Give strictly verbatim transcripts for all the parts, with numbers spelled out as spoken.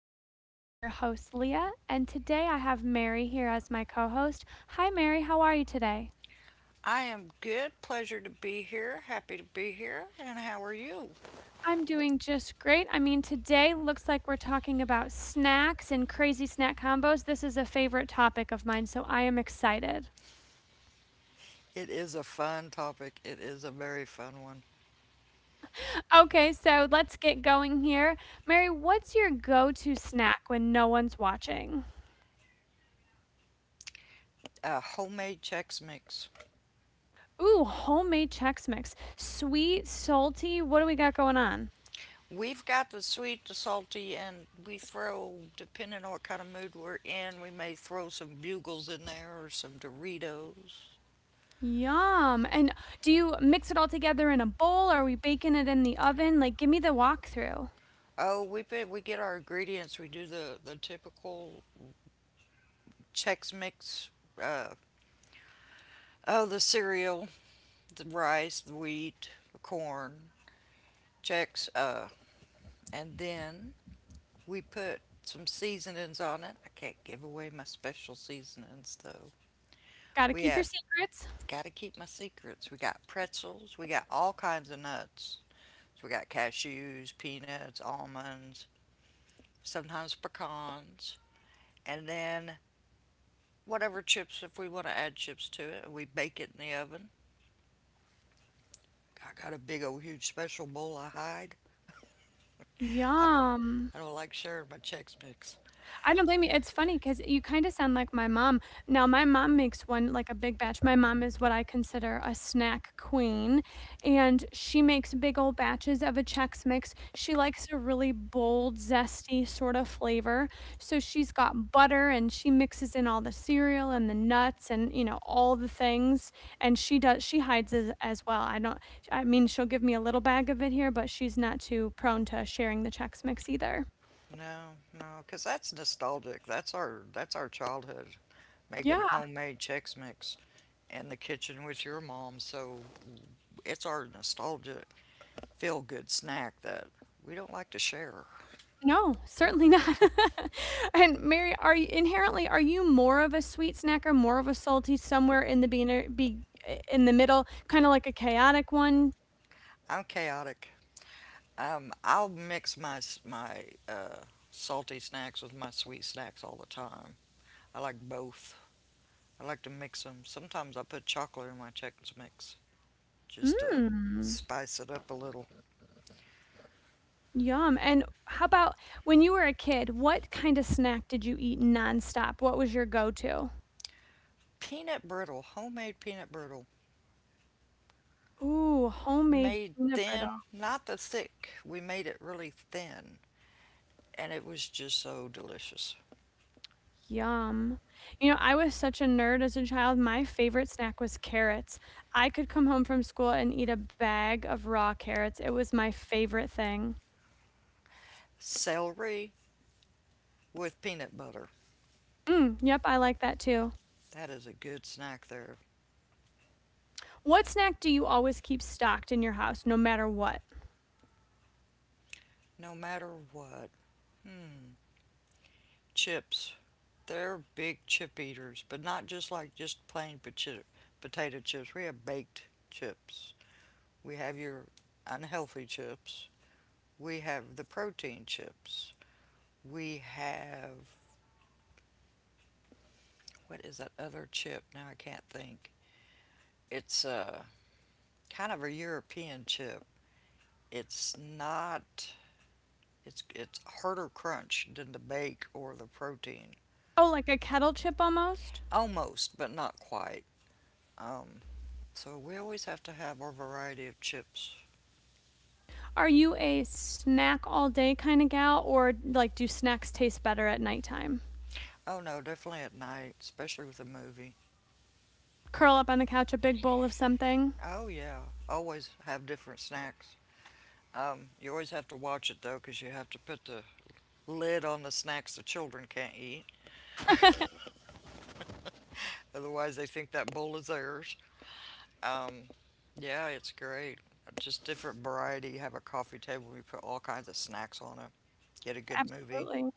show. I'm your host, Leah, and today I have Mary here as my co host. Hi, Mary, how are you today? I am good. Pleasure to be here. Happy to be here. And how are you? I'm doing just great. I mean, today looks like we're talking about snacks and crazy snack combos. This is a favorite topic of mine, so I am excited. It is a fun topic. It is a very fun one. Okay, so let's get going here. Mary, what's your go to snack when no one's watching? A homemade Chex Mix. Ooh, homemade Chex Mix. Sweet, salty. What do we got going on? We've got the sweet, the salty, and we throw, depending on what kind of mood we're in, we may throw some bugles in there or some Doritos. Yum. And do you mix it all together in a bowl? Are we baking it in the oven? Like, give me the walkthrough. Oh, we put, we get our ingredients. We do the, the typical Chex Mix. Uh, oh, the cereal, the rice, the wheat, the corn, Chex. Uh, and then we put some seasonings on it. I can't give away my special seasonings though. Gotta We keep your had secrets. Got to keep my secrets. We got pretzels. We got all kinds of nuts. So we got cashews, peanuts, almonds, sometimes pecans, and then whatever chips if we want to add chips to it. We bake it in the oven. I got a big old huge special bowl I hide. I don't Yum. I don't like sharing my Chex Mix. I don't blame you. It's funny because you kinda sound like my mom. Now my mom makes one like a big batch. My mom is what I consider a snack queen, and she makes big old batches of a Chex Mix. She likes a really bold, zesty sort of flavor, so she's got butter, and she mixes in all the cereal and the nuts and, you know, all the things, and she does she hides as as well. I don't I mean, she'll give me a little bag of it here, but she's not too prone to sharing the Chex Mix either. No, no, 'cause that's nostalgic. That's our that's our childhood. Making Yeah. homemade Chex Mix in the kitchen with your mom, so it's our nostalgic, feel good snack that we don't like to share. No, certainly not. And Mary, are you inherently are you more of a sweet snacker, more of a salty, somewhere in the beginner be in the middle, kinda like a chaotic one? I'm chaotic. Um, I'll mix my my uh, salty snacks with my sweet snacks all the time. I like both. I like to mix them. Sometimes I put chocolate in my Chex Mix just to Mm, spice it up a little. Yum, and how about when you were a kid, what kinda snack did you eat nonstop? What was your go-to? Peanut brittle, homemade peanut brittle, Ooh, homemade made peanut brittle. thin, not the thick. We made it really thin and it was just so delicious. Yum. You know, I was such a nerd as a child. My favorite snack was carrots. I could come home from school and eat a bag of raw carrots. It was my favorite thing. Celery with peanut butter. Mm, yep, I like that too. That is a good snack there, What snack do you always keep stocked in your house, no matter what? no matter what. Hmm. Chips. They're big chip eaters, but not just like just plain potato chips. We have baked chips. We have your unhealthy chips. We have the protein chips. We have what is that other chip? Now I can't think. It's a kind of a European chip. It's not It's it's harder crunch than the bake or the protein. Oh, like a kettle chip almost? Almost, but not quite. Um, so we always have to have our variety of chips. Are you a snack all day kind of gal, or like do snacks taste better at nighttime? Oh no, definitely at night, especially with a movie. Curl up on the couch, a big bowl of something? Oh yeah, always have different snacks. Um, you always have to watch it though, because you have to put the lid on the snacks the children can't eat. Otherwise, they think that bowl is theirs. Um, yeah, it's great. Just different variety. Have a coffee table. We put all kinds of snacks on it. Get a good movie. Absolutely.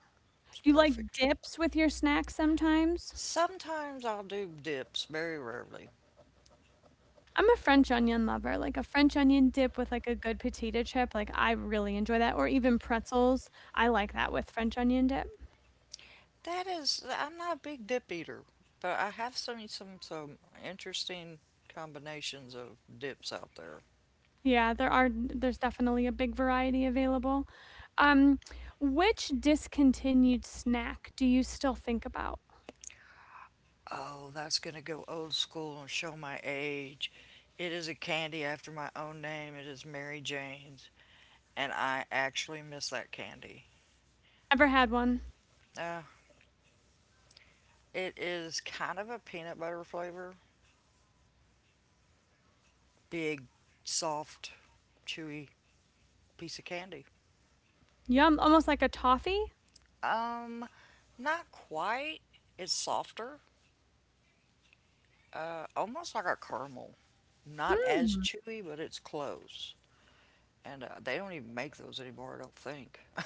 It's Do you like perfect. dips with your snacks sometimes? Sometimes I'll do dips, very rarely. I'm a French onion lover, like a French onion dip with like a good potato chip, like I really enjoy that or even pretzels. I like that with French onion dip. That is, I'm not a big dip eater, but I have seen some some interesting combinations of dips out there. Yeah, there are there's definitely a big variety available. Um, which discontinued snack do you still think about? Oh, that's gonna go old school and show my age. It is a candy after my own name. It is Mary Jane's, and I actually miss that candy. Never had one. Uh, it is kind of a peanut butter flavor, big, soft, chewy piece of candy. Yum, almost like a toffee? Um, Not quite. It's softer, uh, almost like a caramel. Not as Hmm. chewy, but it's close. And uh, they don't even make those anymore, I don't think.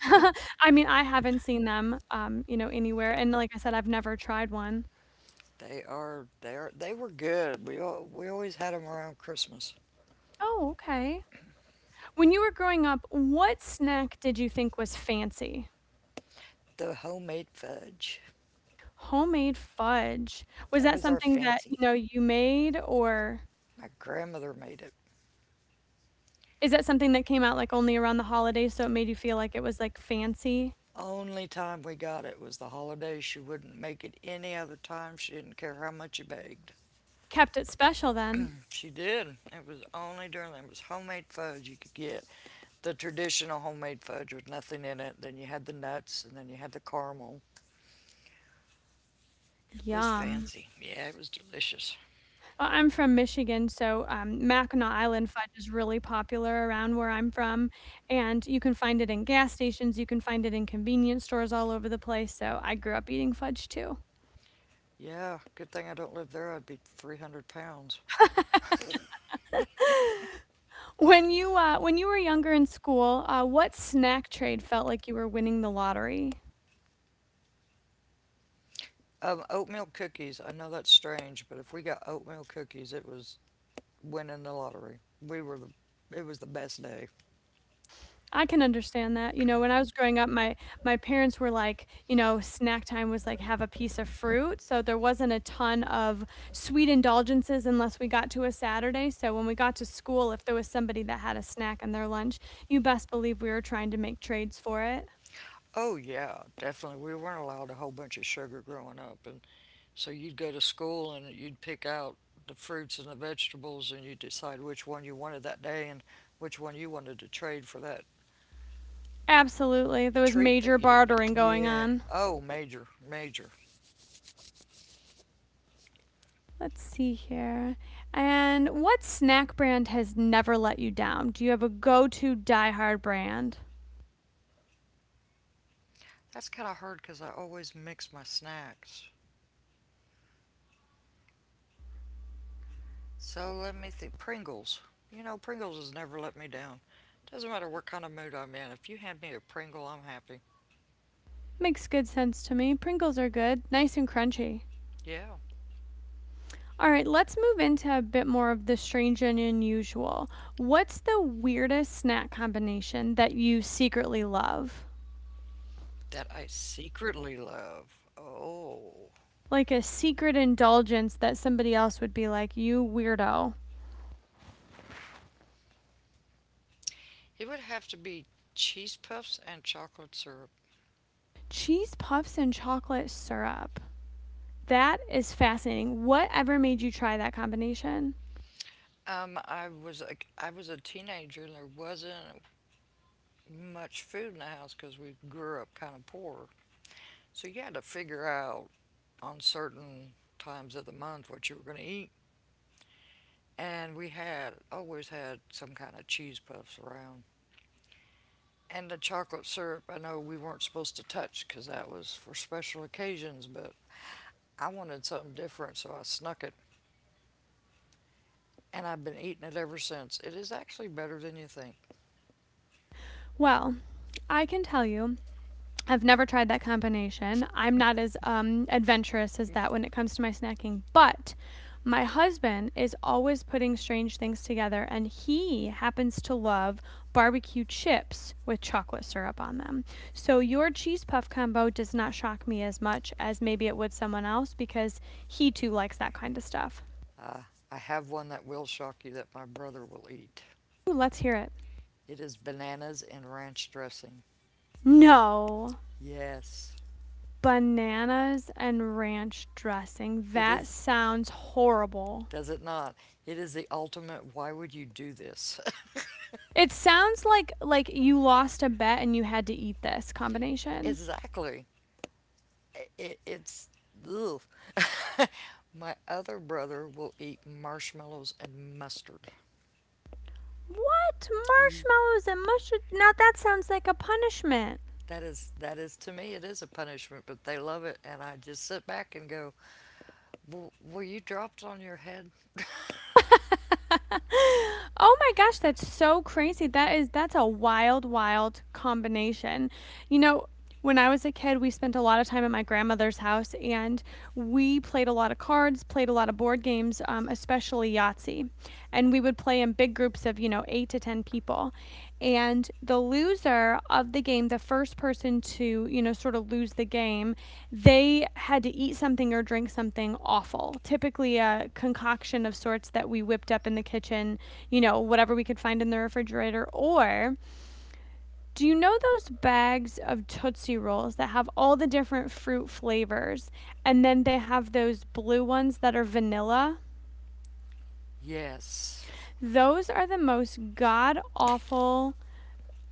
I mean, I haven't seen them, um, you know, anywhere. And like I said, I've never tried one. They are they are they were good. We al- we always had them around Christmas. Oh, okay. When you were growing up, what snack did you think was fancy? The homemade fudge. Homemade fudge. Was That that was our something that, fancy. you know, you made or My grandmother made it. is that something that came out, like, only around the holidays, so it made you feel like it was, like, fancy? Only time we got it was the holidays. She wouldn't make it any other time. She didn't care how much you begged. Kept it special then. She did. It was only during it was homemade fudge you could get. The traditional homemade fudge with nothing in it. Then you had the nuts, and then you had the caramel. It was Yum. fancy. Yeah, it was delicious. Well, I'm from Michigan, so, um, Mackinac Island fudge is really popular around where I'm from, and you can find it in gas stations, you can find it in convenience stores all over the place, so I grew up eating fudge too. Yeah, good thing I don't live there. I'd be three hundred pounds. When you, uh when you were younger in school, uh, what snack trade felt like you were winning the lottery? Um, oatmeal cookies. I know that's strange, but if we got oatmeal cookies, it was winning the lottery. We were the. It was the best day. I can understand that. You know, when I was growing up, my my parents were like, you know, snack time was like have a piece of fruit. So there wasn't a ton of sweet indulgences unless we got to a Saturday. So when we got to school, if there was somebody that had a snack in their lunch, you best believe we were trying to make trades for it. Oh yeah, definitely. We weren't allowed a whole bunch of sugar growing up, and so you'd go to school and you'd pick out the fruits and the vegetables, and you'd decide which one you wanted that day and which one you wanted to trade for that Absolutely. There was treat that major you didn't bartering get. going Yeah. on. Oh, major, major. Let's see here. And what snack brand has never let you down? Do you have a go-to die-hard brand? That's kind of hard because I always mix my snacks. So let me think. Pringles. You know, Pringles has never let me down. Doesn't matter what kind of mood I'm in. If you hand me a Pringle, I'm happy. Makes good sense to me. Pringles are good, nice and crunchy. Yeah. All right, let's move into a bit more of the strange and unusual. What's the weirdest snack combination that you secretly love? That I secretly love. Oh, Like a secret indulgence that somebody else would be like, you weirdo. it would have to be cheese puffs and chocolate syrup. Cheese puffs and chocolate syrup. That is fascinating. Whatever made you try that combination? Um, I was a, I was a teenager and there wasn't much food in the house because we grew up kind of poor. So you had to figure out on certain times of the month what you were going to eat. And we had always had some kind of cheese puffs around. And the chocolate syrup, I know we weren't supposed to touch because that was for special occasions, but I wanted something different, so I snuck it and I've been eating it ever since. It is actually better than you think. Well, I can tell you I've never tried that combination. I'm not as um, adventurous as that when it comes to my snacking, but my husband is always putting strange things together, and he happens to love barbecue chips with chocolate syrup on them. So, your cheese puff combo does not shock me as much as maybe it would someone else because he too likes that kind of stuff. I have one that will shock you that my brother will eat. Ooh, let's hear it. It is bananas and ranch dressing. No, Yes, bananas and ranch dressing. it That is. sounds horrible. Does it not? It is the ultimate. Why would you do this? It sounds like like you lost a bet and you had to eat this combination. Exactly. It, it's ugh. My other brother will eat marshmallows and mustard. What? Yee. Marshmallows and mushroom? Now that sounds like a punishment. That is that is To me it is a punishment, but they love it, and I just sit back and go, "Well, were you dropped on your head?" Oh my gosh, that's so crazy. That is that's a wild, wild combination. You know, when I was a kid, we spent a lot of time at my grandmother's house and we played a lot of cards, played a lot of board games, um, especially Yahtzee. And we would play in big groups of, you know, eight to ten people. And the loser of the game, the first person to, you know, sort of lose the game, they had to eat something or drink something awful, typically a concoction of sorts that we whipped up in the kitchen, you know, whatever we could find in the refrigerator. Or do you know those bags of Tootsie Rolls that have all the different fruit flavors and then they have those blue ones that are vanilla? Yes. Those are the most god awful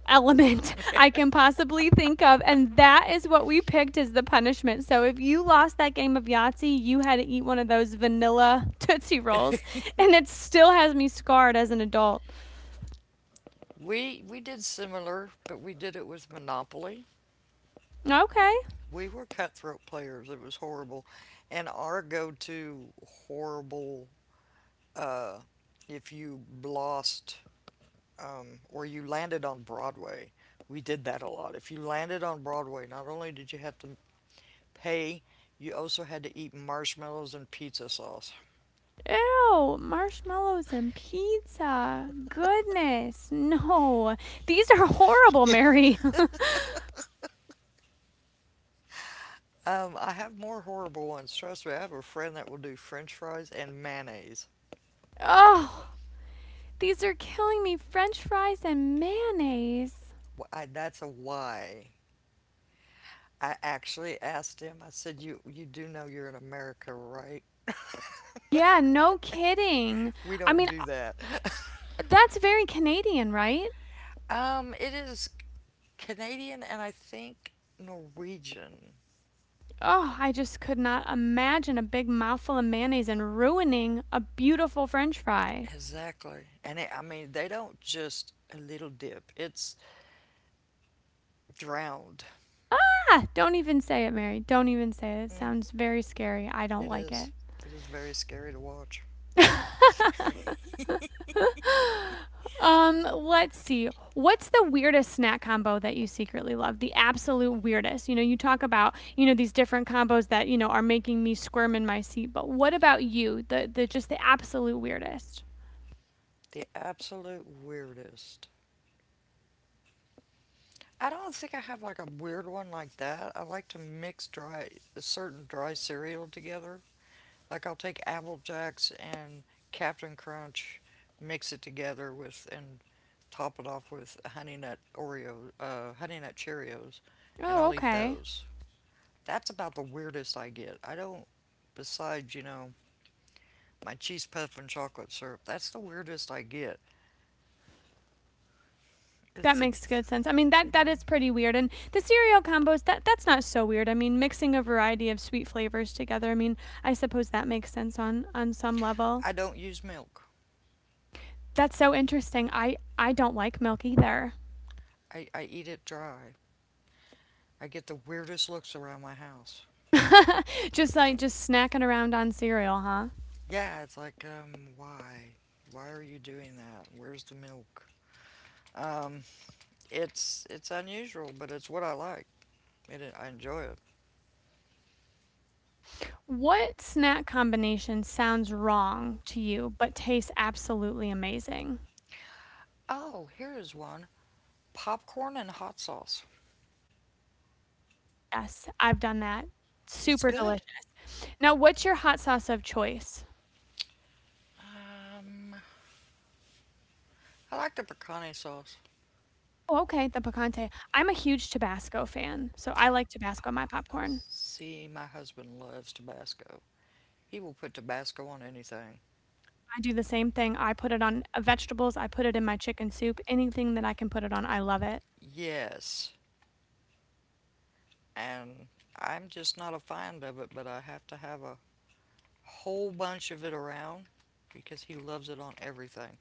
element I can possibly think of. And that is what we picked as the punishment. So if you lost that game of Yahtzee, you had to eat one of those vanilla Tootsie Rolls. And it still has me scarred as an adult. We we did similar, but we did it with Monopoly. Okay. We were cutthroat players. It was horrible. And our go-to horrible uh if you lost um or you landed on Broadway. We did that a lot. If you landed on Broadway, not only did you have to pay, you also had to eat marshmallows and pizza sauce. Ew, marshmallows and pizza. Goodness. No. These are horrible, Mary. Um, I have more horrible ones. Trust me, I have a friend that will do French fries and mayonnaise. oh, these are killing me. French fries and mayonnaise. Wh- I, that's a why. I actually asked him, I said, You you do know you're in America, right?" Yeah, no kidding. We I don't mean, do that. that's very Canadian, right? Um, it is Canadian and I think Norwegian. Oh, I just could not imagine a big mouthful of mayonnaise and ruining a beautiful french fry. Exactly. And it, I mean, they don't just a little dip. It's drowned. Ah, don't even say it, Mary. Don't even say it. It sounds very scary. I don't It like is. it. It is very scary to watch. Um, let's see. What's the weirdest snack combo that you secretly love? The absolute weirdest. You know, you talk about, you know, these different combos that, you know, are making me squirm in my seat, but what about you? The the just the absolute weirdest. The absolute weirdest. I don't think I have like a weird one like that. I like to mix dry a certain dry cereal together. Like I'll take Apple Jacks and Captain Crunch, mix it together with, and top it off with Honey Nut Oreo, uh, Honey Nut Cheerios, and Oh, I'll eat okay. those. That's about the weirdest I get. I don't, besides you know my cheese puff and chocolate syrup. That's the weirdest I get. That It's it's. makes good sense. I mean that that is pretty weird. And the cereal combos that that's not so weird. I mean mixing a variety of sweet flavors together. I mean I suppose that makes sense on on some level. I don't use milk. That's so interesting. I I don't like milk either. I, I eat it dry. I get the weirdest looks around my house. Just like just snacking around on cereal, huh? Yeah, it's like um why, why are you doing that? Where's the milk? Um, it's it's unusual, but it's what I like. It, I enjoy it. What snack combination sounds wrong to you but tastes absolutely amazing? Oh, here is one: popcorn and hot sauce. Yes, I've done that. It's Super good. delicious. Now, what's your hot sauce of choice? Um, I like the picante sauce. Oh, okay, the picante. I'm a huge Tabasco fan, so I like Tabasco on my popcorn. See, my husband loves Tabasco. He will put Tabasco on anything. I do the same thing. I put it on, uh, vegetables, I put it in my chicken soup, anything that I can put it on, I love it. Yes, and I'm just not a fan of it, but I have to have a whole bunch of it around because he loves it on everything.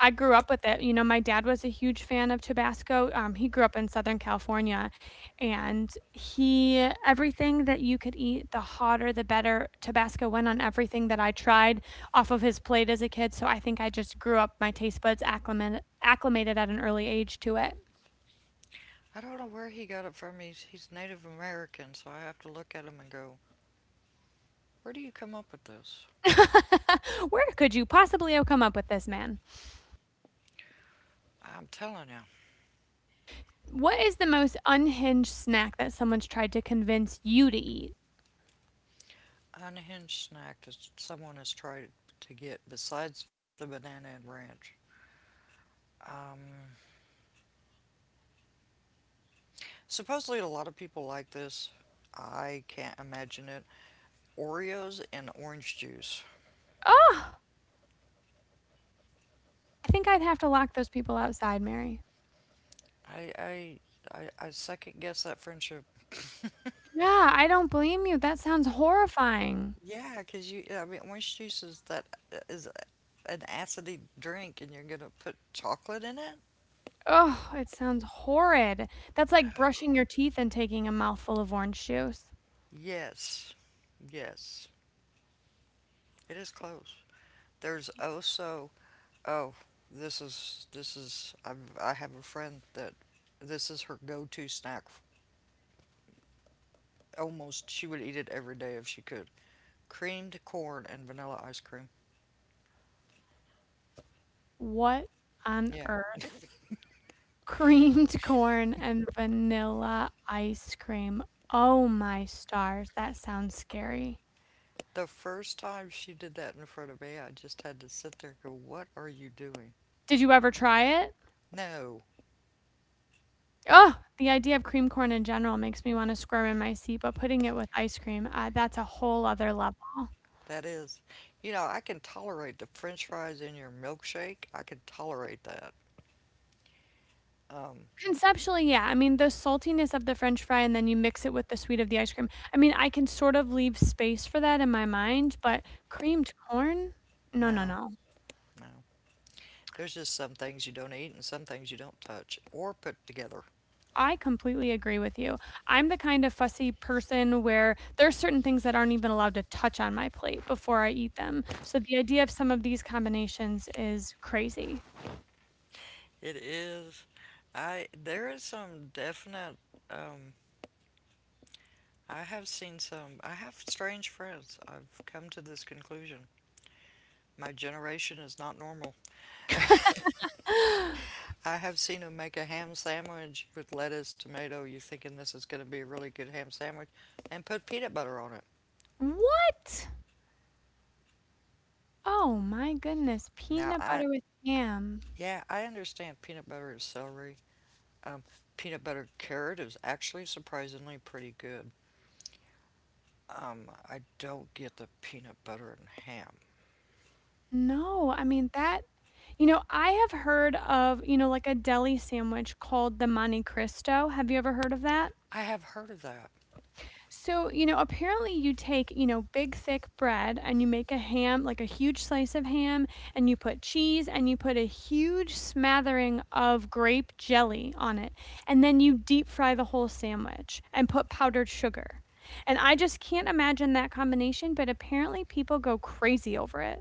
I grew up with it, you know, my dad was a huge fan of Tabasco, um, he grew up in Southern California, and he everything that you could eat, the hotter, the better, Tabasco went on everything that I tried off of his plate as a kid, so I think I just grew up, my taste buds acclimated acclimated at an early age to it. I don't know where he got it from. He's he's Native American, so I have to look at him and go, "Where do you come up with this?" Where could you possibly have come up with this, man? I'm telling you, What is the most unhinged snack that someone's tried to convince you to eat? unhinged snack that someone has tried to get besides the banana and ranch. Um, supposedly, a lot of people like this. I can't imagine it. Oreos and orange juice. Oh, I think I'd have to lock those people outside, Mary. I I I, I second guess that friendship. Yeah, I don't blame you. That sounds horrifying. Yeah, because you. I mean, orange juice is that is an acidy drink, and you're gonna put chocolate in it. Oh, it sounds horrid. That's like brushing your teeth and taking a mouthful of orange juice. Yes, yes, it is close. There's also oh, this is this is I've, I have a friend that this is her go-to snack. Almost she would eat it every day if she could. Creamed corn and vanilla ice cream. What on Yeah. earth? Creamed corn and vanilla ice cream. Oh my stars, that sounds scary. The first time she did that in front of me, I just had to sit there and go, "What are you doing?" Did you ever try it? No, Oh, the idea of cream corn in general makes me want to squirm in my seat, but putting it with ice cream, uh, that's a whole other level. that is. You know, I can tolerate the french fries in your milkshake. I can tolerate that. Um, Conceptually, yeah. I mean, the saltiness of the french fry and then you mix it with the sweet of the ice cream. I mean, I can sort of leave space for that in my mind, but creamed corn? No, no, no, no. no. There's just some things you don't eat and some things you don't touch or put together. I completely agree with you. I'm the kind of fussy person where there's certain things that aren't even allowed to touch on my plate before I eat them. So the idea of some of these combinations is crazy. It is. I There is some definite um I have seen some I have strange friends. I've come to this conclusion. My generation is not normal. I have seen them make a ham sandwich with lettuce, tomato. You thinking this is going to be a really good ham sandwich, and put peanut butter on it. What? Oh my goodness, Now peanut I, butter with ham. yeah, I understand peanut butter and celery. Um, peanut butter carrot is actually surprisingly pretty good. Um, I don't get the peanut butter and ham. No, I mean that you know, I have heard of, you know, like a deli sandwich called the Monte Cristo. Have you ever heard of that? I have heard of that. So, you know, apparently you take, you know, big thick bread and you make a ham, like a huge slice of ham, and you put cheese and you put a huge smattering of grape jelly on it. And then you deep fry the whole sandwich and put powdered sugar. And I just can't imagine that combination, but apparently people go crazy over it.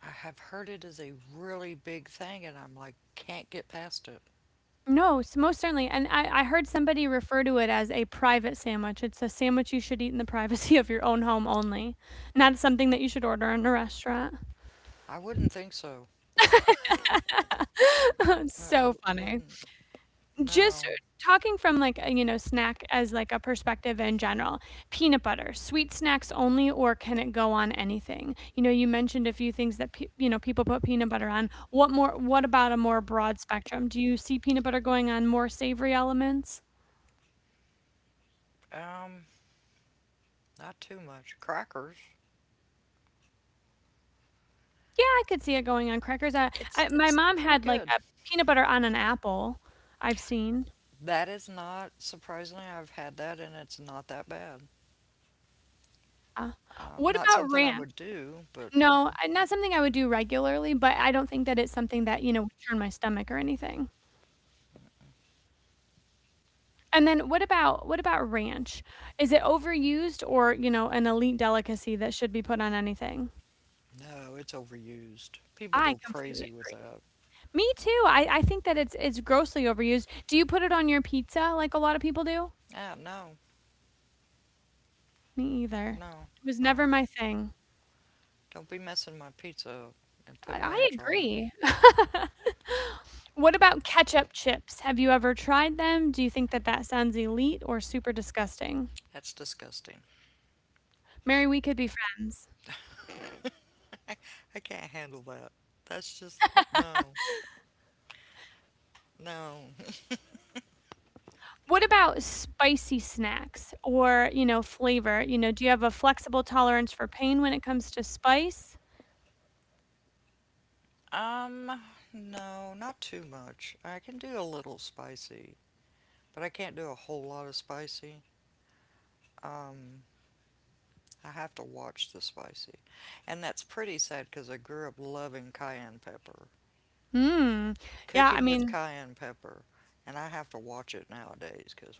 I have heard it is a really big thing, and I'm like, can't get past it. No, s- most certainly. And I, I heard somebody refer to it as a private sandwich. It's a sandwich you should eat in the privacy of your own home only, not something that you should order in a restaurant. I wouldn't think so. It's I I so w- I funny. wouldn't. Just No. talking from, like, a, you know, snack as, like, a perspective in general, peanut butter, sweet snacks only, or can it go on anything? You know, you mentioned a few things that, pe you know, people put peanut butter on. What more what about a more broad spectrum? Do you see peanut butter going on more savory elements? Um, not too much. Crackers. Yeah, I could see it going on crackers. I It's I my it's mom pretty had, like, good. a peanut butter on an apple, I've seen. That is not surprisingly. I've had that, and it's not that bad. Uh, Um, what not about something I ranch? would do, but No, I not something I would do regularly, but I don't think that it's something that, you know, would turn my stomach or anything. And then what about what about ranch? Is it overused or, you know, an elite delicacy that should be put on anything? yeah. No, it's overused. People I go completely crazy with that. agree. Me too. I, I think that it's it's grossly overused. Do you put it on your pizza like a lot of people do? Ah, no, Me either. no, It was never no. my thing. Don't be messing my pizza up and put I, I ranch on it. agree. What about ketchup chips? Have you ever tried them? Do you think that that sounds elite or super disgusting? That's disgusting. Mary, we could be friends. I can't handle that. That's just no, no. What about spicy snacks or, you know, flavor? You know, do you have a flexible tolerance for pain when it comes to spice? Um, no, not too much. I can do a little spicy, but I can't do a whole lot of spicy. Um, I have to watch the spicy. And that's pretty sad because I grew up loving cayenne pepper, Hmm. Yeah, I cooking with mean, cayenne pepper, and I have to watch it nowadays because,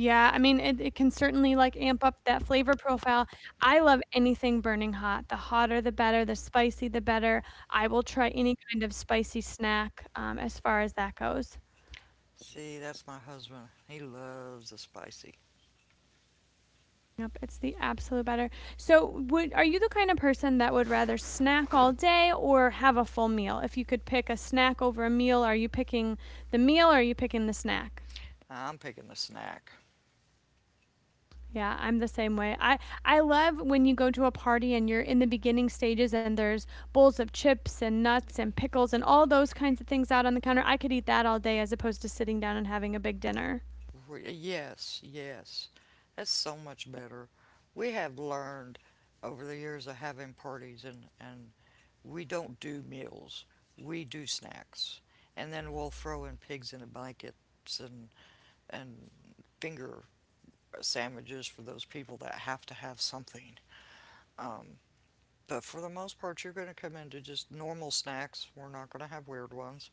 yeah, I mean, it, it can certainly like amp up that flavor profile. I love anything burning hot. The hotter, the better. The spicy, the better. I will try any kind of spicy snack um, as far as that goes. see, that's my husband. He loves the spicy. Yep, it's the absolute better. So, would are you the kind of person that would rather snack all day or have a full meal? If you could pick a snack over a meal, are you picking the meal or are you picking the snack? I'm picking the snack. Yeah, I'm the same way. I I love when you go to a party and you're in the beginning stages and there's bowls of chips and nuts and pickles and all those kinds of things out on the counter. I could eat that all day as opposed to sitting down and having a big dinner. Re- Yes, yes. That's so much better. We have learned over the years of having parties, and, and we don't do meals, we do snacks. And then we'll throw in pigs in a blanket and, and finger sandwiches for those people that have to have something. Um, but for the most part, you're going to come into just normal snacks. We're not going to have weird ones.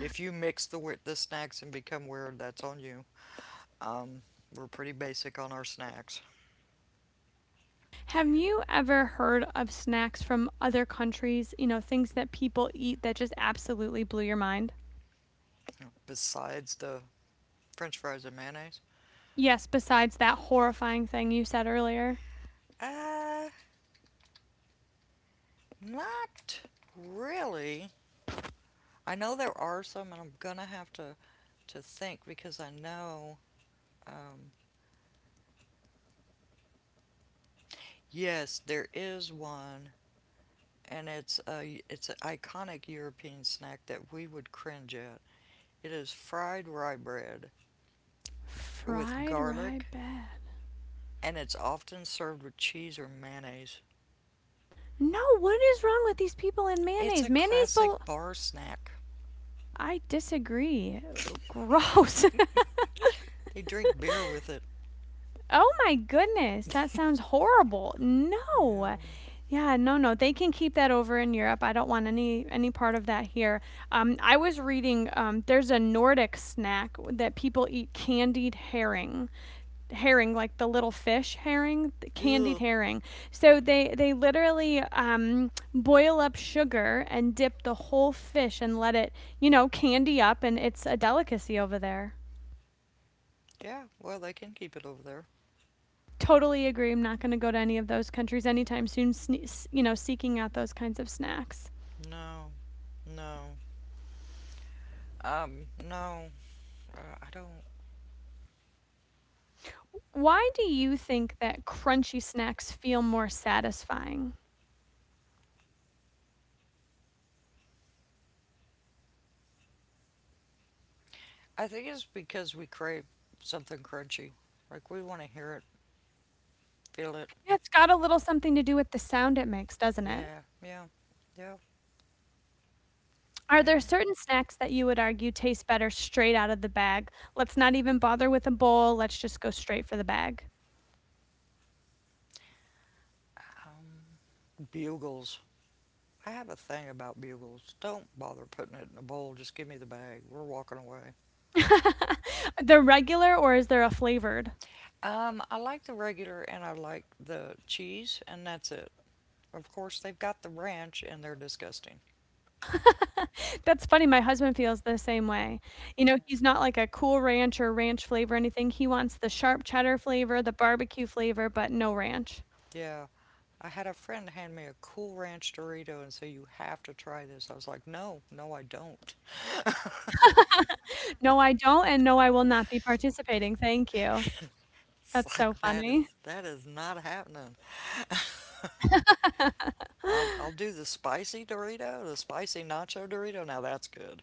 If you mix the, we- the snacks and become weird, that's on you. Um, we're pretty basic on our snacks. Have you ever heard of snacks from other countries? You know, things that people eat that just absolutely blew your mind? Besides the french fries and mayonnaise? Yes, besides that horrifying thing you said earlier. Uh, not really. I know there are some, and I'm gonna have to to think because I know. Um, yes, there is one, and it's a it's an iconic European snack that we would cringe at. It is fried rye bread with Fried rye garlic, bread. and it's often served with cheese or mayonnaise. No, what is wrong with these people in It's a mayonnaise? Mayonnaise bel classic bar snack. I disagree. Gross. They drink beer with it. Oh my goodness, that sounds horrible. Yeah. No. Yeah, no, no. They can keep that over in Europe. I don't want any any part of that here. Um, I was reading um, there's a Nordic snack that people eat candied herring. Herring, like the little fish herring, the candied Ugh. herring. So they they literally um, boil up sugar and dip the whole fish and let it, you know, candy up, and it's a delicacy over there. Yeah, well, they can keep it over there. Totally agree. I'm not going to go to any of those countries anytime soon, sne- you know, seeking out those kinds of snacks. No, no, um, no, uh, I don't. Why do you think that crunchy snacks feel more satisfying? I think it's because we crave something crunchy. Like we want to hear it, feel it. Yeah, it's got a little something to do with the sound it makes, doesn't it? Yeah, yeah, yeah, Are yeah. there certain snacks that you would argue taste better straight out of the bag? Let's not even bother with a bowl. Let's just go straight for the bag. Um, bugles. I have a thing about bugles. Don't bother putting it in a bowl. Just give me the bag. We're walking away. The regular, or is there a flavored? Um, I like the regular and I like the cheese, and that's it. Of course, they've got the ranch, and they're disgusting. That's funny, my husband feels the same way. You know, he's not like a Cool Ranch or ranch flavor or anything, he wants the sharp cheddar flavor, the barbecue flavor, but no ranch. Yeah. I had a friend hand me a Cool Ranch Dorito and say, "You have to try this." I was like, "No, no, I don't." "No, I don't, and no, I will not be participating, thank you." It's That's so like that funny. is that is not happening. I'll I'll do the spicy Dorito, the spicy nacho Dorito. Now that's good.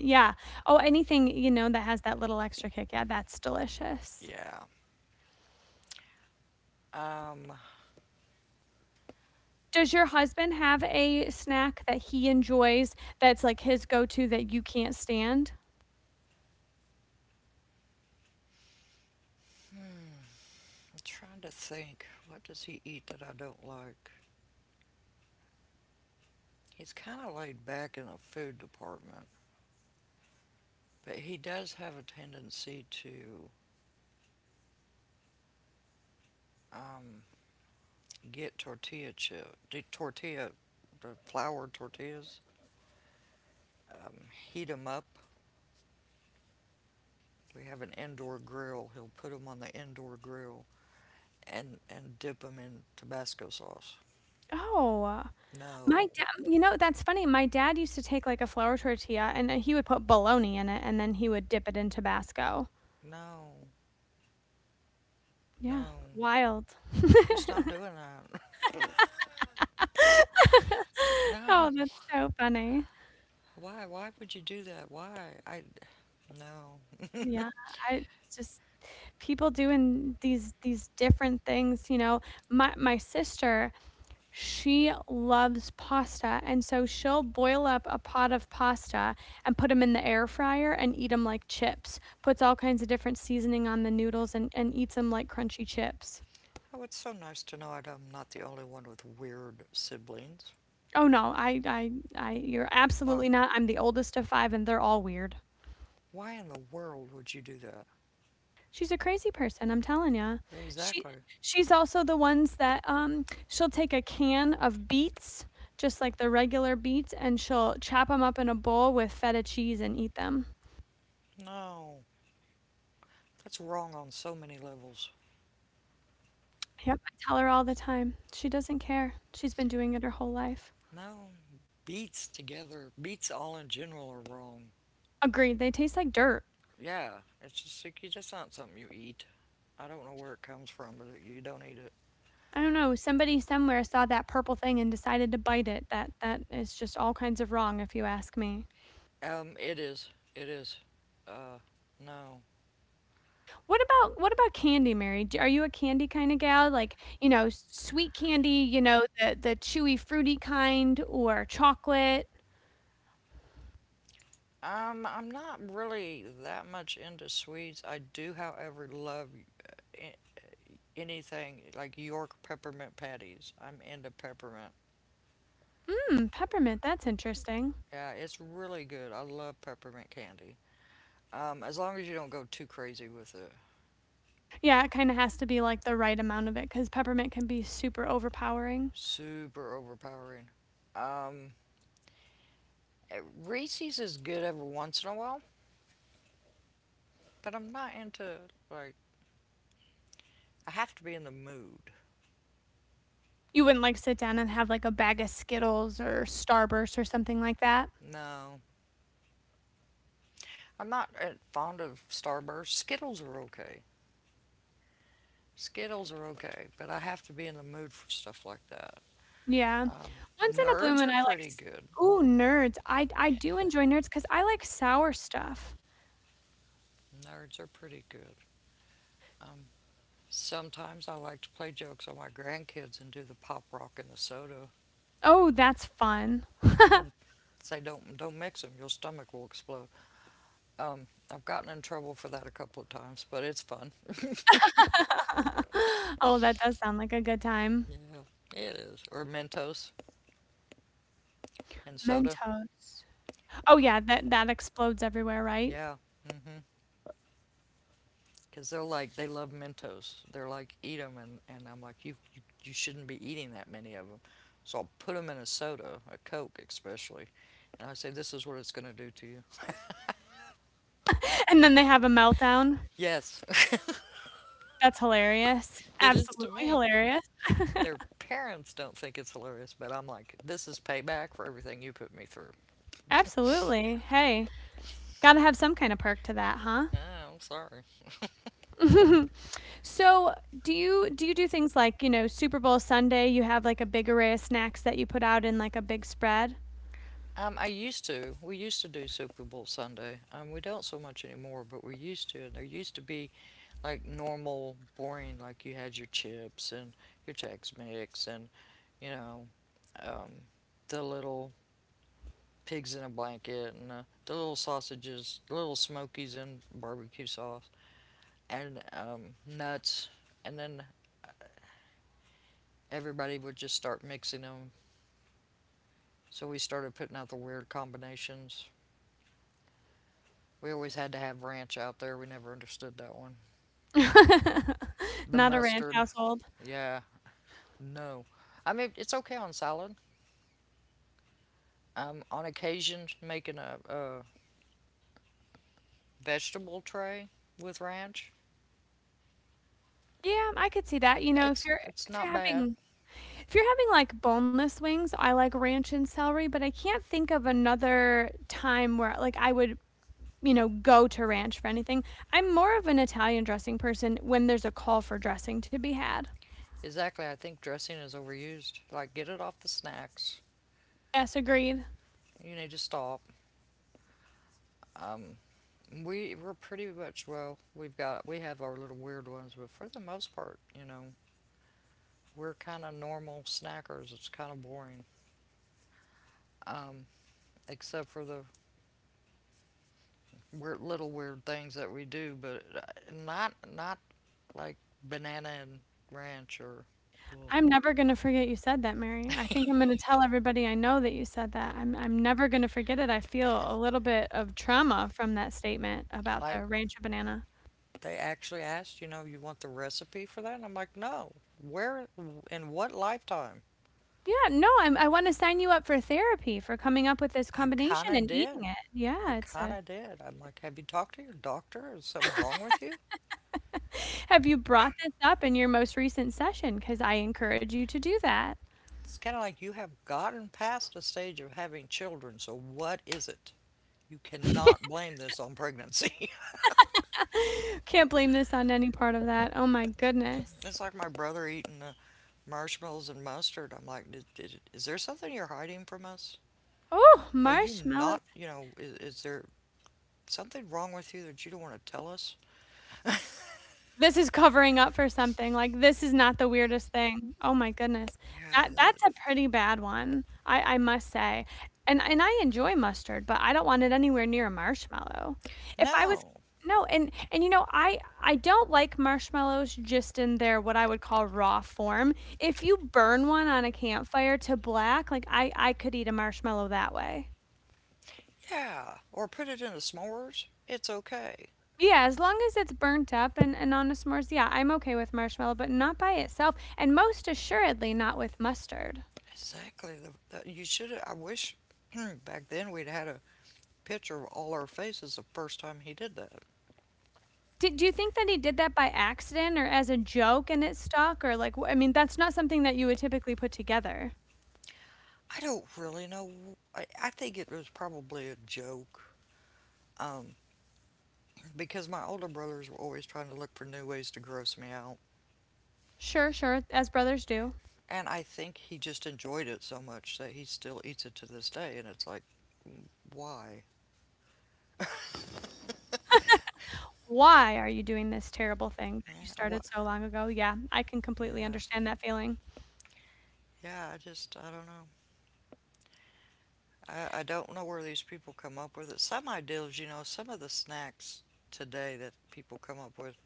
Yeah. Oh, anything, you know, that has that little extra kick, yeah, that's delicious. Yeah. Um, I'm Does your husband have a snack that he enjoys that's, like, his go-to that you can't stand? trying to think. What does he eat that I don't like? He's kind of laid back in the food department, but he does have a tendency to um, get tortilla chip, tortilla, the flour tortillas, um, heat them up. We have an indoor grill. He'll put them on the indoor grill and, and dip them in Tabasco sauce. Oh. My No, dad, you know, that's funny, my dad used to take, like, a flour tortilla, and then he would put bologna in it, and then he would dip it in Tabasco. no, Yeah, no. wild. We're just not doing that. No. Oh, that's so funny. Why? Why would you do that? Why? I No. Yeah, I just people doing these these different things, you know? My my sister, she loves pasta, and so she'll boil up a pot of pasta and put them in the air fryer and eat them like chips. Puts all kinds of different seasoning on the noodles and and eats them like crunchy chips. Oh, it's so nice to know that I'm not the only one with weird siblings. Oh, no. I I I you're But absolutely not. I'm the oldest of five, and they're all weird. why in the world would you do that? She's a crazy person, I'm telling ya. She Exactly. she's also the ones that, um, she'll take a can of beets, just like the regular beets, and she'll chop chop them up in a bowl with feta cheese and eat them. No. That's wrong on so many levels. Yep, I tell her all the time. She doesn't care. She's been doing it her whole life. No, beets together, beets all in general are wrong. Agreed, they taste like dirt. Yeah, it's just like, that's not something you eat. I don't know where it comes from, but you don't eat it. I don't know, somebody somewhere saw that purple thing and decided to bite it. That that is just all kinds of wrong if you ask me. Um, it is, it is. Uh, no. What about what about candy, Mary? D Are you a candy kinda gal? Like, you know, s sweet candy, you know, the the chewy, fruity kind or chocolate? Um, I'm not really that much into sweets. I do, however, love anything like York peppermint patties. I'm into peppermint. Hmm, peppermint, that's interesting. Yeah, it's really good. I love peppermint candy. Um, as long as you don't go too crazy with it. Yeah, it kinda has to be, like, the right amount of it 'cause peppermint can be super overpowering. Super overpowering. Um, eh, Reese's is good every once in a while, but I'm not into, like, I have to be in the mood. You wouldn't, like, sit down and have, like, a bag of Skittles or Starburst or something like that? No, I'm not eh, fond of Starburst. Skittles are okay. Skittles are okay, but I have to be in the mood for stuff like that. Yeah. Um, Once in a bloom, nerds and are I like pretty s good. ooh, nerds. I I Yeah, do enjoy nerds 'cause I like sour stuff. nerds are pretty good. Um, sometimes I like to play jokes on my grandkids and do the pop rock and the soda, Oh, that's fun. and then say don't don't mix them. Your stomach will explode. Um, I've gotten in trouble for that a couple of times, but it's fun. Oh, that does sound like a good time. Yeah, it is. Or Mentos and soda. Mentos. Oh, yeah, that that explodes everywhere, right? Yeah, mm-hmm. Because they're like they love Mentos. They're like eat them, and, and I'm like you, you you shouldn't be eating that many of them. So I'll put them in a soda, a Coke especially, and I say this is what it's going to do to you. And then they have a meltdown. Yes. That's hilarious. It is to Absolutely me. hilarious. Their parents don't think it's hilarious, but I'm like this is payback for everything you put me through. Absolutely. Hey, gotta have some kind of perk to that, huh? Ah, I'm sorry. So, do you do you do things like, you know, Super Bowl Sunday, you have, like, a big array of snacks that you put out in, like, a big spread? Um, I used to. We used to do Super Bowl Sunday. Um, we don't so much anymore, but we used to. And there used to be like normal, boring, like you had your chips and your Tex Mix and, you know, um, the little pigs in a blanket and uh, the little sausages, the little smokies and barbecue sauce and um, nuts. And then everybody would just start mixing them. So we started putting out the weird combinations. We always had to have ranch out there. We never understood that one. The Not a ranch mustard. household. Yeah, no. I mean, it's okay on salad. I'm on occasion making a, a vegetable tray with ranch. Yeah, I could see that, you know, if It's you're it's if you're not bad. having if you're having like boneless wings, I like ranch and celery, but I can't think of another time where like I would, you know, go to ranch for anything. I'm more of an Italian dressing person when there's a call for dressing to be had. Exactly. I think dressing is overused. Like, get it off the snacks. Yes, agreed. You need to stop. Um, we we're pretty much well. We've got we have our little weird ones, but for the most part, you know, we're kind of normal snackers. It's kind of boring. Um, except for the weird, little weird things that we do, but uh, not not like banana and ranch or I'm never going to forget you said that, Mary. I think I'm going to tell everybody I know that you said that. I'm I'm never going to forget it. I feel a little bit of trauma from that statement about like the rancho banana. they actually asked, you know, you want the recipe for that? And I'm like, no. Where in what lifetime? Yeah, no, I'm, I want to sign you up for therapy for coming up with this I kind combination of and eating did. it. Yeah, I it's kind a of did. I'm like, have you talked to your doctor? Is something wrong with you? Have you brought this up in your most recent session? Because I encourage you to do that. It's kind of like you have gotten past the stage of having children, so what is it? You cannot blame this on pregnancy. Can't blame this on any part of that. Oh my goodness. It's like my brother eating uh, marshmallows and mustard. I'm like, "Did- did- is there something you're hiding from us? Oh, Are you marshmallows not, you know, is, is there something wrong with you that you don't want to tell us? This is covering up for something, like, this is not the weirdest thing. Oh my goodness. Yeah, That that. That's a pretty bad one, I I must say, and and I enjoy mustard, but I don't want it anywhere near a marshmallow. If I was No. no, and and, you know, I I don't like marshmallows just in their what I would call raw form. If you burn one on a campfire to black, like, I I could eat a marshmallow that way. Yeah. Or put it in the s'mores. It's okay. Yeah, as long as it's burnt up and, and on a s'mores, yeah, I'm okay with marshmallow, but not by itself, and most assuredly not with mustard. Exactly. The, the, you should. I wish back then we'd had a picture of all our faces the first time he did that. Do, do you think that he did that by accident or as a joke and it stuck? Or, like, wh- I mean, that's not something that you would typically put together. I don't really know. I, I think it was probably a joke um, because my older brothers were always trying to look for new ways to gross me out. Sure, sure, as brothers do. And I think he just enjoyed it so much that he still eats it to this day. And it's like, mm, why? Why are you doing this terrible thing that Yeah, you what? started so long ago? Yeah, I can completely Yeah, understand that feeling. yeah. I just, I don't know. I, I don't know where these people come up with it. Some ideals, you know, some of the snacks today that people come up with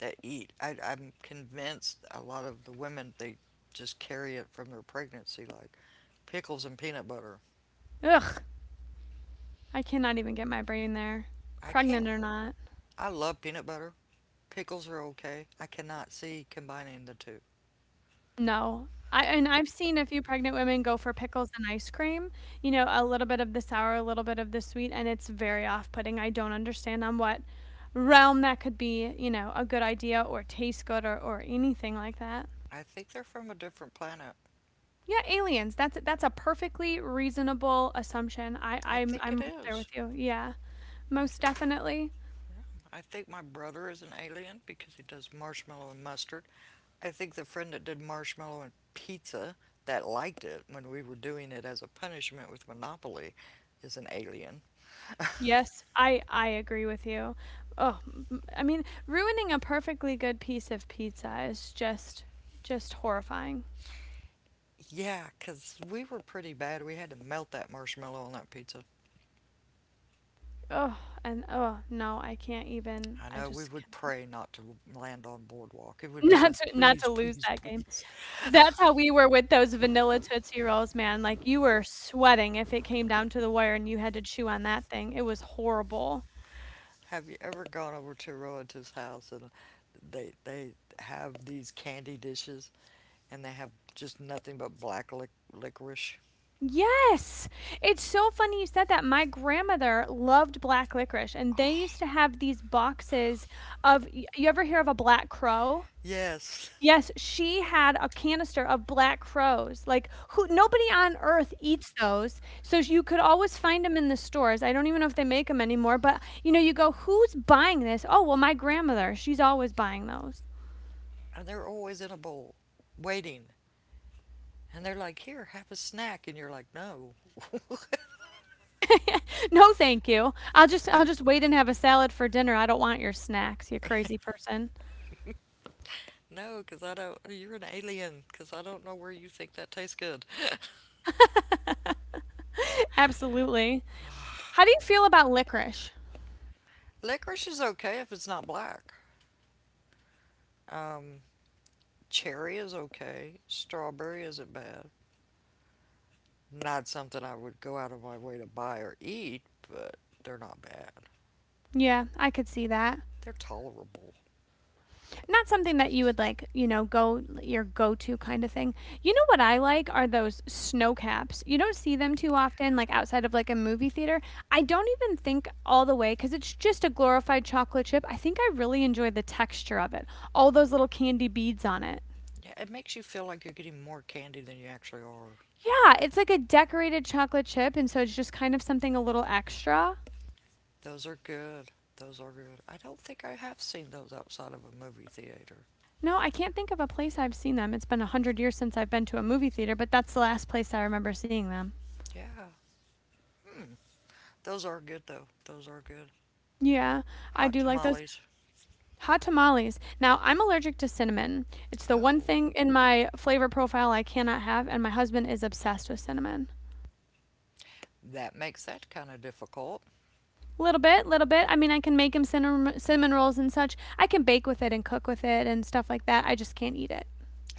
that eat. I, I'm convinced a lot of the women they just carry it from their pregnancy, like pickles and peanut butter. Ugh, I cannot even get my brain there, I can't. pregnant or not. I love peanut butter. Pickles are okay. I cannot see combining the two. No. I and I've seen a few pregnant women go for pickles and ice cream, you know, a little bit of the sour, a little bit of the sweet, and it's very off-putting. I don't understand on what realm that could be, you know, a good idea or taste good or, or anything like that. I think they're from a different planet. Yeah, aliens. That's that's a perfectly reasonable assumption. I, I I'm think it I'm there is. with you. Yeah, most definitely. I think my brother is an alien because he does marshmallow and mustard. I think the friend that did marshmallow and pizza that liked it when we were doing it as a punishment with Monopoly is an alien. Yes, I I agree with you. Oh, m- m- I mean, ruining a perfectly good piece of pizza is just just horrifying. Yeah, 'cause we were pretty bad. We had to melt that marshmallow on that pizza. Oh, and oh no, I can't even I I know we just would pray not to land on Boardwalk. It would cannot be not like, to not please, to lose please, that game. please. That's how we were with those vanilla Tootsie Rolls, man, like, you were sweating if it came down to the wire and you had to chew on that thing, it was horrible. Have you ever gone over to a relative's house and they they have these candy dishes and they have just nothing but black lic- licorice? Yes! It's so funny you said that, my grandmother loved black licorice, and they used to have these boxes of y you ever hear of a black crow? Yes. Yes, she had a canister of Black Crows, like, who nobody on earth eats those, so you could always find them in the stores, I don't even know if they make them anymore, but, you know, you go, "Who's buying this?" "Oh, well, my grandmother, she's always buying those." And they're always in a bowl, waiting. And they're like, "Here, have a snack." And you're like, "No, "No, thank you. I'll just I'll just wait and have a salad for dinner, I don't want your snacks, you crazy person." no, because I don't. You're an alien, because I don't know where you think that tastes good." Absolutely. How do you feel about licorice? Licorice is okay if it's not black. Um, cherry is okay. Strawberry isn't bad. Not something I would go out of my way to buy or eat, but they're not bad. Yeah, I could see that. They're tolerable. Not something that you would like, you know, go your go to kind of thing. You know what I like are those snow caps. You don't see them too often, like outside of like a movie theater. I don't even think all the way because it's just a glorified chocolate chip. I think I really enjoy the texture of it, all those little candy beads on it. Yeah, it makes you feel like you're getting more candy than you actually are. Yeah, it's like a decorated chocolate chip, and so it's just kind of something a little extra. Those are good. Those are good. I don't think I have seen those outside of a movie theater. No, I can't think of a place I've seen them. It's been a hundred years since I've been to a movie theater, but that's the last place I remember seeing them. Yeah, those are good though. Those are good. Yeah, I Hot do like those. tamales. Hot tamales. Now, I'm allergic to cinnamon. It's the one Oh, thing in my flavor profile I cannot have, and my husband is obsessed with cinnamon. that makes that kind of difficult. Little bit, little bit. I mean, I can make him cinnamon, cinnamon rolls and such. I can bake with it and cook with it and stuff like that. I just can't eat it.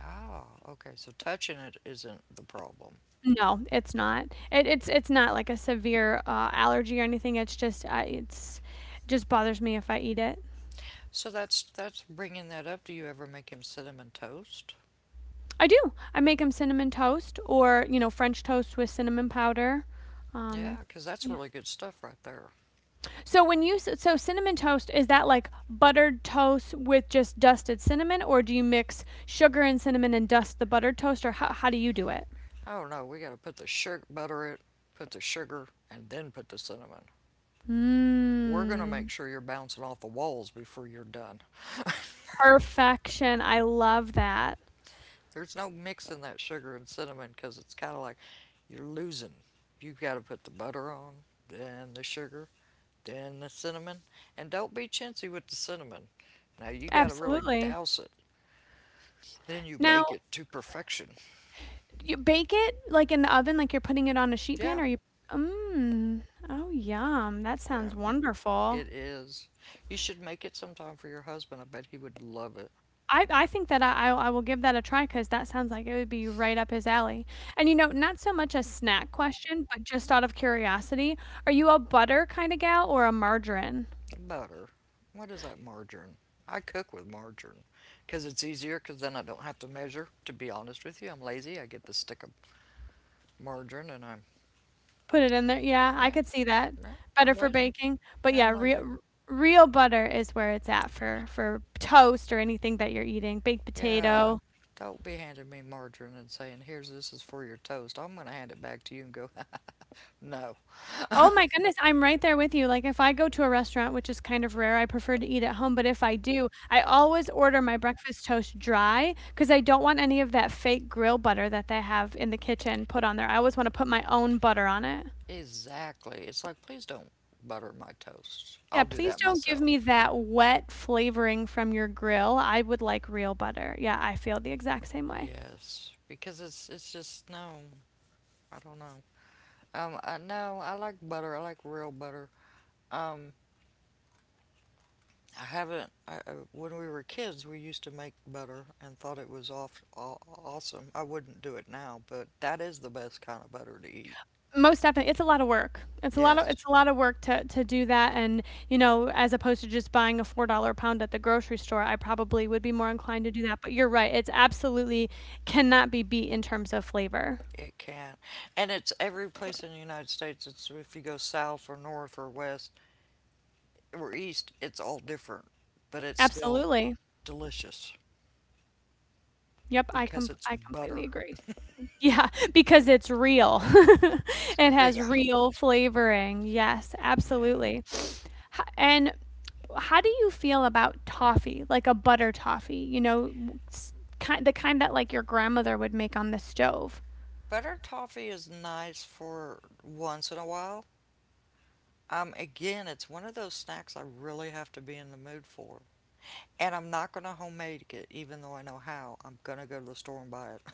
Ah, okay. So touching it isn't the problem. No, it's not. It, it's Okay. it's not like a severe uh, allergy or anything. It's just uh, it's it just bothers me if I eat it. So that's that's bringing that up. Do you ever make him cinnamon toast? I do. I make him cinnamon toast or you know French toast with cinnamon powder. Um, Yeah, 'cause that's yeah. really good stuff right there. So when you so cinnamon toast is that like buttered toast with just dusted cinnamon, or do you mix sugar and cinnamon and dust the buttered toast, or how how do you do it? Oh no, we got to put the sugar, butter it, put the sugar, and then put the cinnamon. We're going to Mmm, make sure you're bouncing off the walls before you're done. perfection. I love that. There's no mixing that sugar and cinnamon 'cause it's kind of like you're losing. You've got to put the butter on, then the sugar, then the cinnamon. And don't be chintzy with the cinnamon. Now you got to really Absolutely. douse it. Then you Now bake it to perfection. you bake it like in the oven, like you're putting it on a sheet pan, Yeah, or you? Mmm. Oh, yum. That sounds yeah. wonderful. It is. You should make it sometime for your husband. I bet he would love it. I I think that I I will give that a try because that sounds like it would be right up his alley. And, you know, not so much a snack question, but just out of curiosity, are you a butter kinda gal or a margarine? Butter. What is that margarine? I cook with margarine because it's easier because then I don't have to measure. To be honest with you, I'm lazy. I get the stick of margarine and I'm, Put it in there, yeah, I yeah, could see that. yeah, Better I'm for lazy. baking, but Yeah, yeah, I'm lazy. real real butter is where it's at for for toast or anything that you're eating, baked Yeah. potato. Don't be handing me margarine and saying, here's this is for your toast. I'm going to hand it back to you and go, no. Oh my goodness, I'm right there with you, like, if I go to a restaurant, which is kind of rare, I prefer to eat at home, but if I do, I always order my breakfast toast dry because I don't want any of that fake grill butter that they have in the kitchen put on there, I always wanna put my own butter on it. Exactly. It's like, please don't butter my toast. Yeah, I'll do please that don't give me myself. that wet flavoring from your grill, I would like real butter. Yeah, I feel the exact same way. Yes, because it's it's just no, I don't know. Um, I no, I like butter. I like real butter. Um, I haven't. I, I- when we were kids, we used to make butter and thought it was off, aw, awesome. I wouldn't do it now, but that is the best kind of butter to eat. Most definitely. It's a lot of work. It's a lot of it's Yes, a lot of work to to do that and, you know, as opposed to just buying a four dollars pound at the grocery store, I probably would be more inclined to do that, but you're right, it's absolutely cannot be beat in terms of flavor. it can, and it's every place in the United States. It's if you go south or north or west or east, it's all different, but it's still Absolutely. delicious Yep, I because com it's I completely butter. agree. Yeah, because it's real. It has Yeah. real flavoring. Yes, Yeah. absolutely. Ho and how do you feel about toffee, like a butter toffee? You know, kind the kind that like your grandmother would make on the stove. Butter toffee is nice for once in a while. Um, again, it's one of those snacks I really have to be in the mood for. And I'm not going to homemade it, even though I know how. I'm going to go to the store and buy it.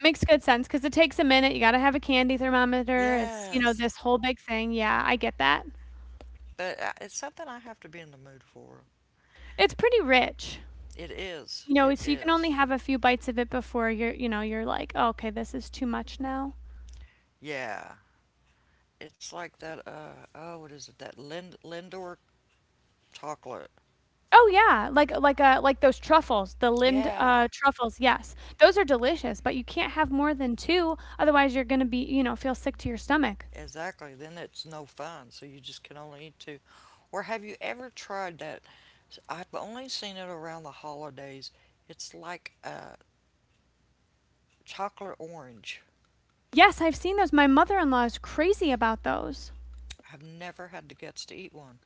Makes good sense because it takes a minute. You got to have a candy thermometer. It's you know Yes. this whole big thing. Yeah, I get that. But uh, it's something I have to be in the mood for. It's pretty rich. It is. You know, It so you can only is. have a few bites of it before you're you know you're like, oh, okay, this is too much now. Yeah. It's like that, uh, oh, what is it? That Lind Lindor chocolate. Oh yeah, like like uh like those truffles, the Lind Yeah. uh truffles. Yes, those are delicious, but you can't have more than two, otherwise you're gonna be you know feel sick to your stomach. Exactly. Then it's no fun. So you just can only eat two. Or have you ever tried that? i I've only seen it around the holidays. It's like a chocolate orange. Yes, I've seen those. My mother in law is crazy about those. I've never had the guts to eat one.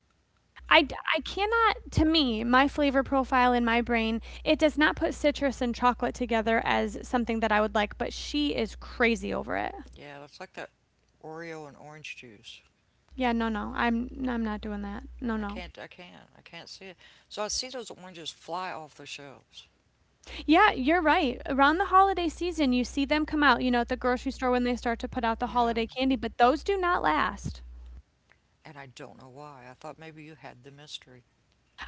I, I cannot, to me, my flavor profile in my brain, it does not put citrus and chocolate together as something that I would like, but she is crazy over it. Yeah, it's like that Oreo and orange juice. Yeah, no, no, I'm I'm not doing that. No, I no. can't. I can't. I can't see it. So I see those oranges fly off the shelves. Yeah, you're right. Around the holiday season, you see them come out, you know, at the grocery store when they start to put out the Yeah, holiday candy, but those do not last. and I don't know why. I thought maybe you had the mystery.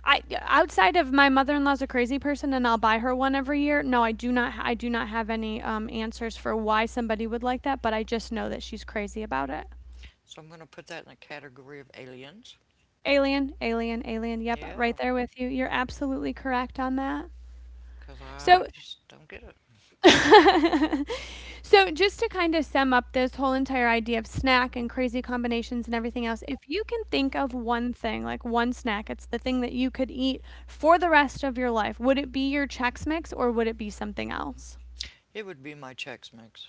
I outside of my mother-in-law's a crazy person and I'll buy her one every year. No, I do not I do not have any um, answers for why somebody would like that, but I just know that she's crazy about it. So I'm gonna put that in the category of aliens. Alien, alien, alien. Yep, Yeah, right there with you. You're absolutely correct on that. because I So just don't get it. so just to kind of sum up this whole entire idea of snack and crazy combinations and everything else, if you can think of one thing, like one snack, it's the thing that you could eat for the rest of your life, would it be your Chex Mix or would it be something else? It would be my Chex Mix.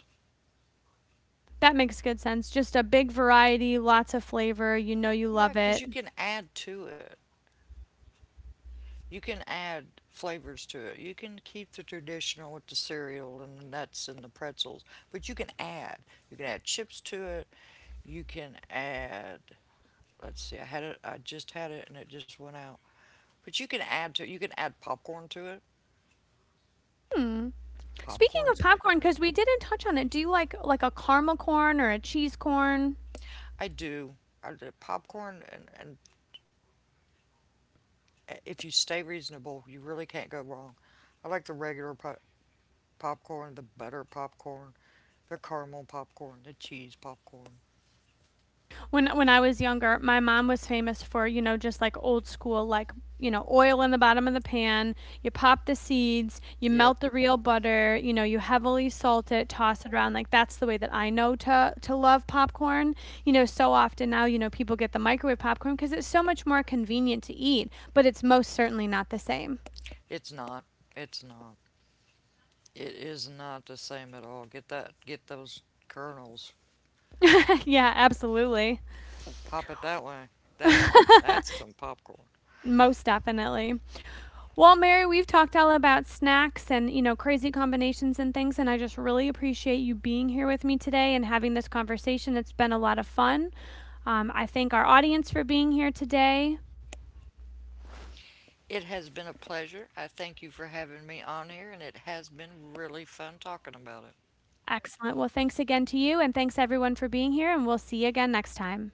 That makes good sense. Just a big variety, lots of flavor. You know you Yeah, love because it. you can add to it. You can add flavors to it. You can keep the traditional with the cereal and the nuts and the pretzels, but you can add. You can add chips to it. You can add. Let's see. I had it. I just had it, and it just went out. But you can add to. It. You can add popcorn to it. Hmm. Speaking of Popcorn's. I popcorn, because we didn't touch on it, do you like like a caramel corn or a cheese corn? do. I do popcorn, and and uh, if you stay reasonable, you really can't go wrong. I like the regular po- popcorn, the butter popcorn, the caramel popcorn, the cheese popcorn. when when I was younger, my mom was famous for, you know, just like old school like, you know, oil in the bottom of the pan, you pop the seeds, you Yep, melt the real butter, you know, you heavily salt it, toss it around. Like that's the way that I know to to love popcorn. You know, so often now, you know, people get the microwave popcorn because it's so much more convenient to eat, but it's most certainly not the same. it's not. It's not. It is not the same at all. Get that. Get those kernels. Yeah, absolutely. Pop it that way. That's some. That's some popcorn. Most definitely. Well, Mary, we've talked all about snacks and, you know, crazy combinations and things, and I just really appreciate you being here with me today and having this conversation. It's been a lot of fun. Um, I thank our audience for being here today. It has been a pleasure. I thank you for having me on here, and it has been really fun talking about it. Excellent. Well, thanks again to you, and thanks everyone for being here, and we'll see you again next time.